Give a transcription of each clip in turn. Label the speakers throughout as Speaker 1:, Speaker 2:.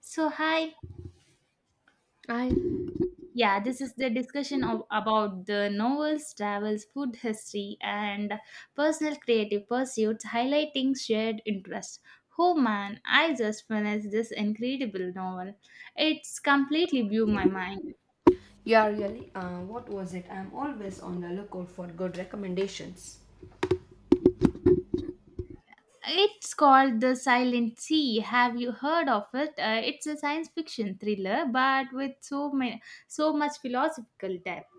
Speaker 1: So, hi. Yeah, this is the discussion of, about the novels, travels, food history, and personal creative pursuits highlighting shared interests. Oh man, I just finished this incredible novel. It's completely blew my mind.
Speaker 2: Yeah, really. What was it? I'm always on the lookout for good recommendations.
Speaker 1: It's called The Silent Sea. Have you heard of it? It's a science fiction thriller, but with so much philosophical depth.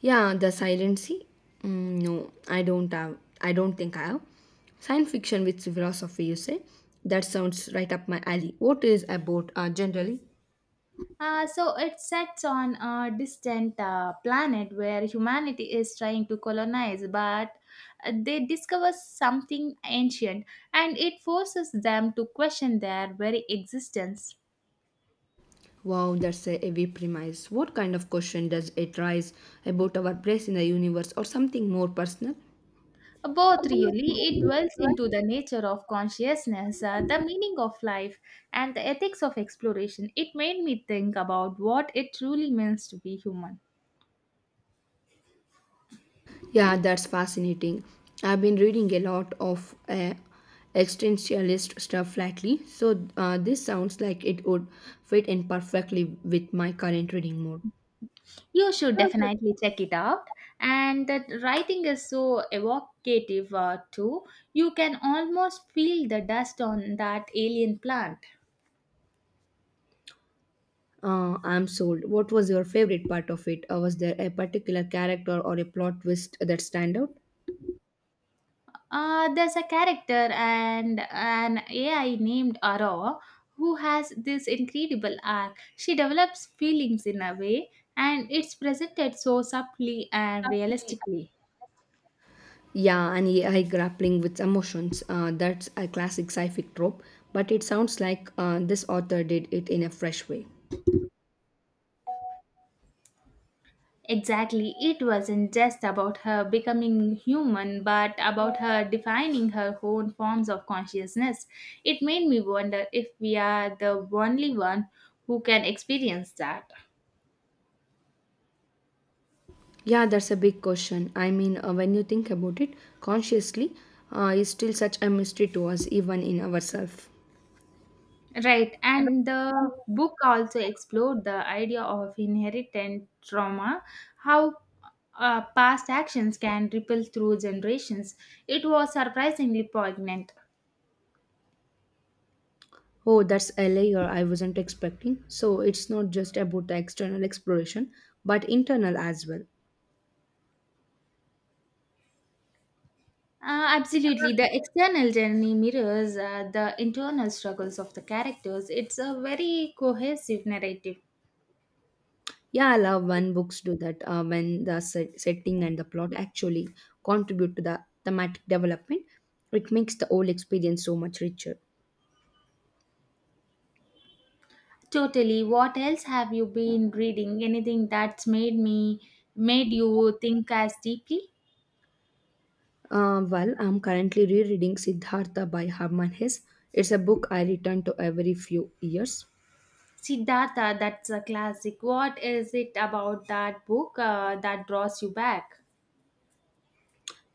Speaker 2: Yeah, The Silent Sea. No, I don't have. I don't think I have. Science fiction with philosophy, you say? That sounds right up my alley. What is about generally?
Speaker 1: So it sets on a distant planet where humanity is trying to colonize, but they discover something ancient and it forces them to question their very existence.
Speaker 2: Wow, that's a heavy premise. What kind of question does it raise about our place in the universe or something more personal?
Speaker 1: Both really, it dwells into the nature of consciousness, the meaning of life, and the ethics of exploration. It made me think about what it truly means to be human.
Speaker 2: Yeah, that's fascinating. I've been reading a lot of existentialist stuff lately, so this sounds like it would fit in perfectly with my current reading mode.
Speaker 1: You should definitely check it out. And the writing is so evocative too. You can almost feel the dust on that alien plant.
Speaker 2: I'm sold. What was your favorite part of it? Was there a particular character or a plot twist that stand out?
Speaker 1: There's a character and an AI named Ara who has this incredible arc. She develops feelings in a way, and it's presented so subtly and realistically.
Speaker 2: Yeah, and AI grappling with emotions. That's a classic sci-fi trope, but it sounds like this author did it in a fresh way.
Speaker 1: Exactly, it wasn't just about her becoming human, but about her defining her own forms of consciousness. It made me wonder if we are the only one who can experience that.
Speaker 2: Yeah, that's a big question. I mean, when you think about it consciously, is still such a mystery to us, even in ourselves.
Speaker 1: Right, and the book also explored the idea of inherited trauma, how past actions can ripple through generations. It was surprisingly poignant.
Speaker 2: Oh, that's a layer I wasn't expecting. So it's not just about the external exploration, but internal as well.
Speaker 1: Absolutely. The external journey mirrors the internal struggles of the characters. It's a very cohesive narrative.
Speaker 2: Yeah, I love when books do that, when the setting and the plot actually contribute to the thematic development. It makes the whole experience so much richer.
Speaker 1: Totally. What else have you been reading? Anything that's made you think as deeply?
Speaker 2: Well, I'm currently rereading Siddhartha by Herman Hesse. It's a book I return to every few years.
Speaker 1: Siddhartha, that's a classic. What is it about that book that draws you back?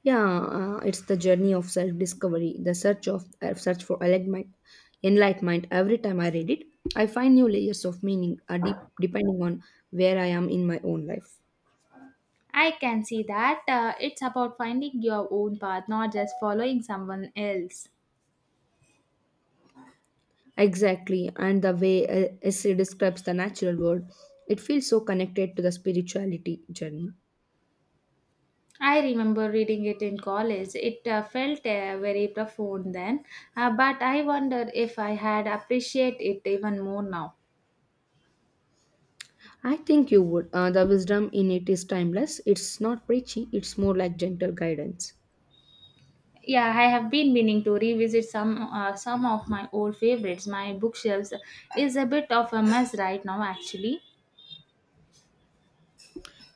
Speaker 2: Yeah, it's the journey of self-discovery, the search for enlightenment. Enlightenment. Every time I read it, I find new layers of meaning, depending on where I am in my own life.
Speaker 1: I can see that it's about finding your own path, not just following someone else.
Speaker 2: Exactly, and the way Hesse describes the natural world, it feels so connected to the spirituality journey.
Speaker 1: I remember reading it in college. It felt very profound then, but I wonder if I had appreciate it even more now.
Speaker 2: I think you would. The wisdom in it is timeless. It's not preachy, it's more like gentle guidance.
Speaker 1: Yeah, I have been meaning to revisit some of my old favorites. My bookshelves is a bit of a mess right now, actually.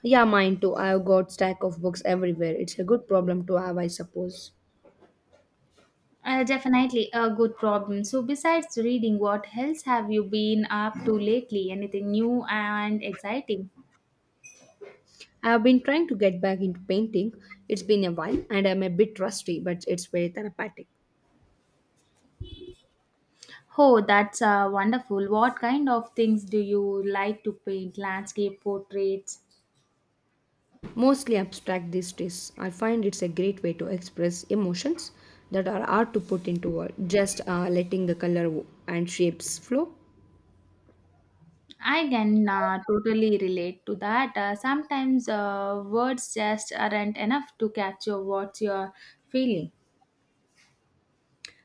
Speaker 2: Yeah, mine too. I've got stack of books everywhere. It's a good problem to have, I suppose.
Speaker 1: Definitely a good problem. So, besides reading, what else have you been up to lately? Anything new and exciting?
Speaker 2: I've been trying to get back into painting. It's been a while and I'm a bit rusty, but it's very therapeutic.
Speaker 1: Oh, that's wonderful. What kind of things do you like to paint? Landscape portraits?
Speaker 2: Mostly abstract these days. I find it's a great way to express emotions that are hard to put into words. Just letting the color and shapes flow.
Speaker 1: I can totally relate to that. Sometimes words just aren't enough to capture what you're feeling.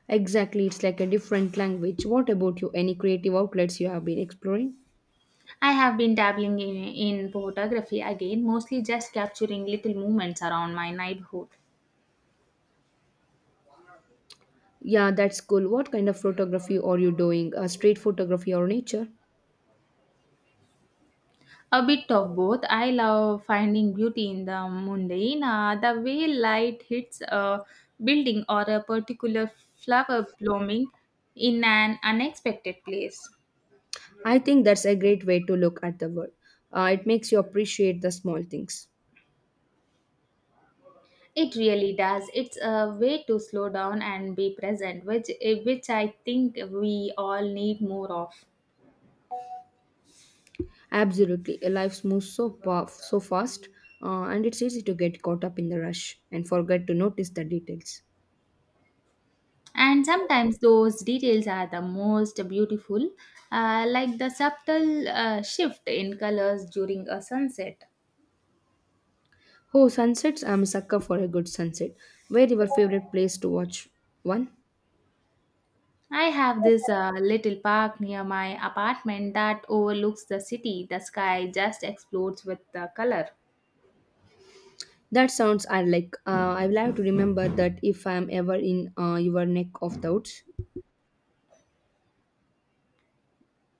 Speaker 2: Exactly, it's like a different language. What about you? Any creative outlets you have been exploring?
Speaker 1: I have been dabbling in photography again, mostly just capturing little moments around my neighborhood.
Speaker 2: Yeah, that's cool. What kind of photography are you doing? Street photography or nature?
Speaker 1: A bit of both. I love finding beauty in the mundane, the way light hits a building or a particular flower blooming in an unexpected place.
Speaker 2: I think that's a great way to look at the world. It makes you appreciate the small things.
Speaker 1: It really does. It's a way to slow down and be present, which I think we all need more of.
Speaker 2: Absolutely. Life moves so fast, and it's easy to get caught up in the rush and forget to notice the details.
Speaker 1: And sometimes those details are the most beautiful, like the subtle shift in colors during a sunset.
Speaker 2: Oh, sunsets! I'm a sucker for a good sunset. Where your favorite place to watch one?
Speaker 1: I have this little park near my apartment that overlooks the city. The sky just explodes with the color.
Speaker 2: That sounds I like. I will have to remember that if I am ever in your neck of the woods.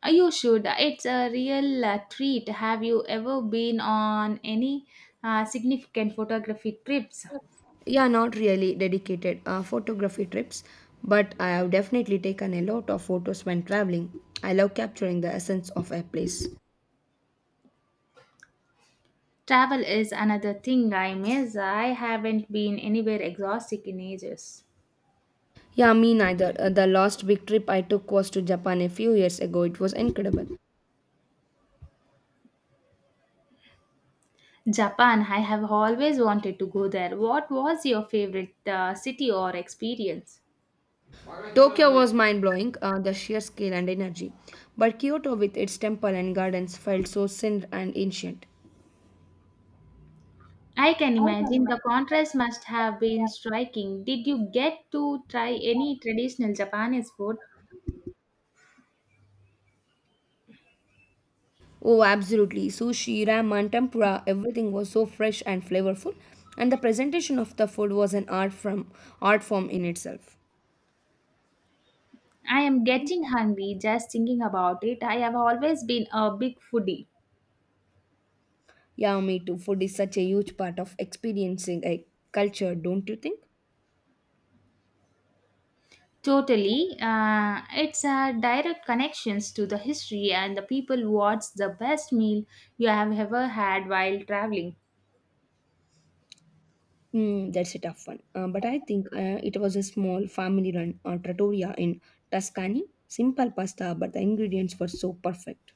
Speaker 1: You should. It's a real treat. Have you ever been on any significant photography trips?
Speaker 2: Yeah, not really dedicated photography trips, but I have definitely taken a lot of photos when traveling. I love capturing the essence of a place.
Speaker 1: Travel is another thing I miss. I haven't been anywhere exotic in ages.
Speaker 2: Yeah, me neither. The last big trip I took was to Japan a few years ago. It was incredible.
Speaker 1: Japan, I have always wanted to go there. What was your favorite city or experience?
Speaker 2: Tokyo was mind blowing, the sheer scale and energy. But Kyoto, with its temple and gardens, felt so sin and ancient.
Speaker 1: I can imagine the contrast must have been striking. Did you get to try any traditional Japanese food?
Speaker 2: Oh, absolutely. Sushi, ramen, tempura, everything was so fresh and flavorful, and the presentation of the food was an art form in itself.
Speaker 1: I am getting hungry just thinking about it. I have always been a big foodie.
Speaker 2: Yeah, me too. Food is such a huge part of experiencing a culture, don't you think?
Speaker 1: Totally. It's direct connections to the history and the people. What's the best meal you have ever had while traveling?
Speaker 2: That's a tough one. But I think it was a small family run trattoria in Tuscany. Simple pasta, but the ingredients were so perfect.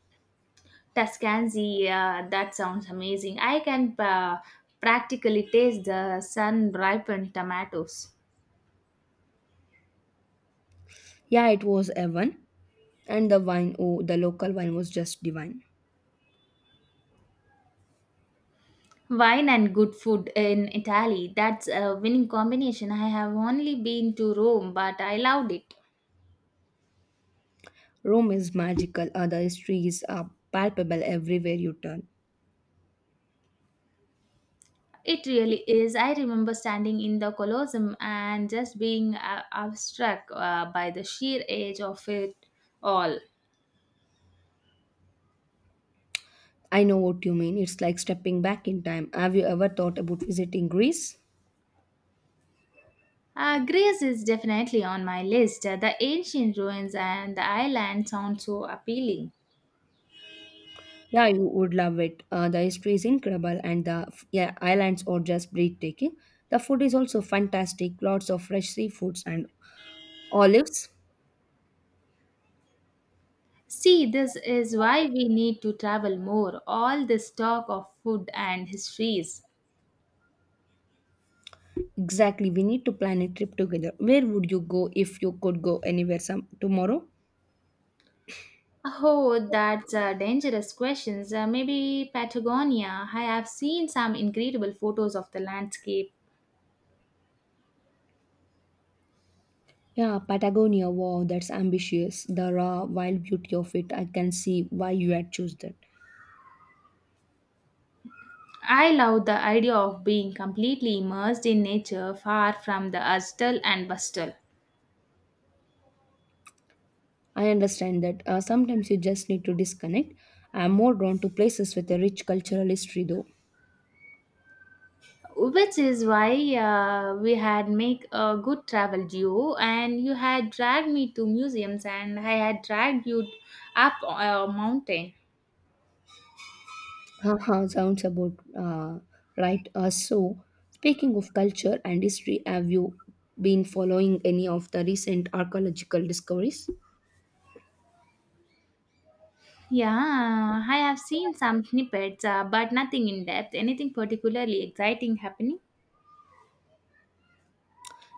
Speaker 1: Tuscanzi, that sounds amazing. I can practically taste the sun ripened tomatoes.
Speaker 2: Yeah, it was a one, and the wine, oh, the local wine was just divine.
Speaker 1: Wine and good food in Italy. That's a winning combination. I have only been to Rome, but I loved it.
Speaker 2: Rome is magical, the histories are palpable everywhere you turn.
Speaker 1: It really is. I remember standing in the Colosseum and just being struck by the sheer age of it all.
Speaker 2: I know what you mean. It's like stepping back in time. Have you ever thought about visiting Greece?
Speaker 1: Greece is definitely on my list. The ancient ruins and the island sound so appealing.
Speaker 2: Yeah, you would love it. The history is incredible, and yeah, islands are just breathtaking. The food is also fantastic. Lots of fresh seafoods and olives.
Speaker 1: See, this is why we need to travel more. All this talk of food and histories.
Speaker 2: Exactly. We need to plan a trip together. Where would you go if you could go anywhere some tomorrow?
Speaker 1: Oh, that's a dangerous question. Maybe Patagonia. I have seen some incredible photos of the landscape.
Speaker 2: Yeah, Patagonia, wow, that's ambitious. The raw, wild beauty of it, I can see why you had choose that.
Speaker 1: I love the idea of being completely immersed in nature, far from the hustle and bustle.
Speaker 2: I understand that sometimes you just need to disconnect. I'm more drawn to places with a rich cultural history, though.
Speaker 1: Which is why we had make a good travel duo, and you had dragged me to museums, and I had dragged you up a mountain.
Speaker 2: Haha, sounds about right. So, speaking of culture and history, have you been following any of the recent archaeological discoveries?
Speaker 1: Yeah, I have seen some snippets, but nothing in depth. Anything particularly exciting happening?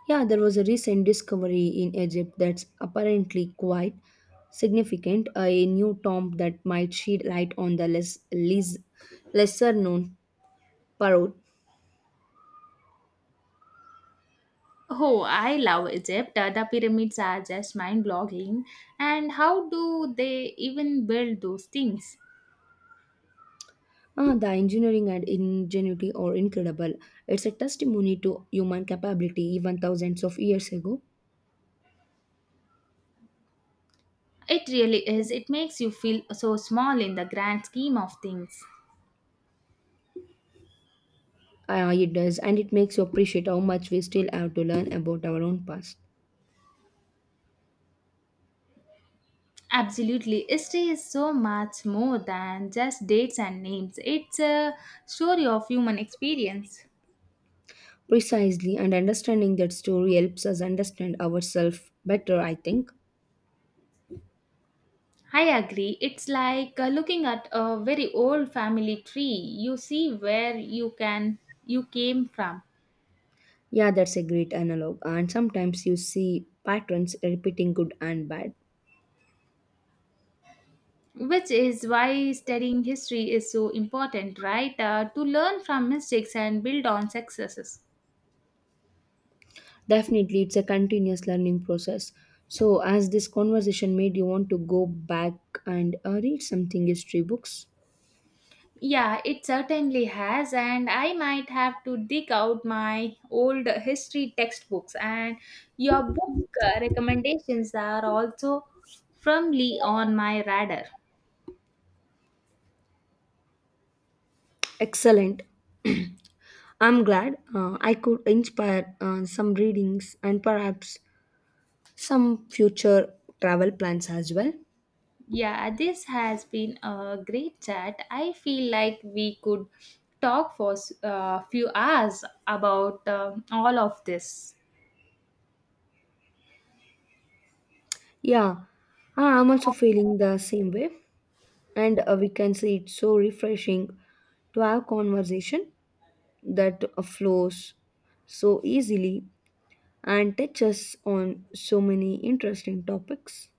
Speaker 2: Yeah, there was a recent discovery in Egypt that's apparently quite significant. A new tomb that might shed light on the lesser known Parod.
Speaker 1: Oh, I love Egypt. The pyramids are just mind blogging. And how do they even build those things?
Speaker 2: Ah, the engineering and ingenuity are incredible. It's a testimony to human capability even thousands of years ago.
Speaker 1: It really is. It makes you feel so small in the grand scheme of things.
Speaker 2: Ah, it does, and it makes you appreciate how much we still have to learn about our own past.
Speaker 1: Absolutely. History is so much more than just dates and names, it's a story of human experience.
Speaker 2: Precisely, and understanding that story helps us understand ourselves better, I think.
Speaker 1: I agree. It's like looking at a very old family tree. You see where you came from.
Speaker 2: Yeah, that's a great analog. And sometimes you see patterns repeating good and bad.
Speaker 1: Which is why studying history is so important, right? To learn from mistakes and build on successes.
Speaker 2: Definitely, it's a continuous learning process. So, as this conversation made you want to go back and read something history books,
Speaker 1: Yeah, it certainly has, and I might have to dig out my old history textbooks. And your book recommendations are also firmly on my radar.
Speaker 2: excellent. I'm glad I could inspire some readings and perhaps some future travel plans as well.
Speaker 1: Yeah, this has been a great chat. I feel like we could talk for a few hours about all of this.
Speaker 2: Yeah, I'm also feeling the same way, and we can see it's so refreshing to have conversation that flows so easily and touches on so many interesting topics.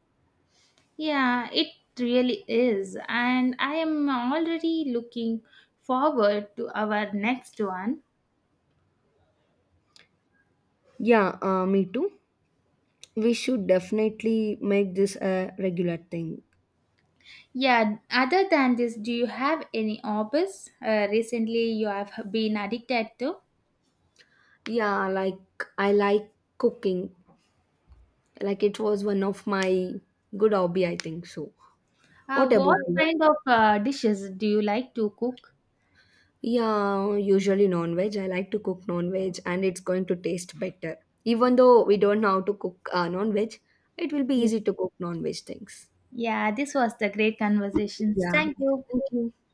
Speaker 1: Yeah, it really is. And I am already looking forward to our next one.
Speaker 2: Yeah, me too. We should definitely make this a regular thing.
Speaker 1: Yeah, other than this, do you have any hobbies recently you have been addicted to?
Speaker 2: Yeah, like I like cooking. Like it was one of my good hobby, I think so.
Speaker 1: Uh,
Speaker 2: What about
Speaker 1: what kind
Speaker 2: you?
Speaker 1: of dishes do you like to cook?
Speaker 2: Yeah, usually non-veg. I like to cook non-veg and it's going to taste better. Even though we don't know how to cook non-veg, it will be
Speaker 1: Yeah.
Speaker 2: easy to cook non-veg things.
Speaker 1: Yeah, this was the great conversations.
Speaker 2: Yeah.
Speaker 1: Thank you.
Speaker 2: Thank you.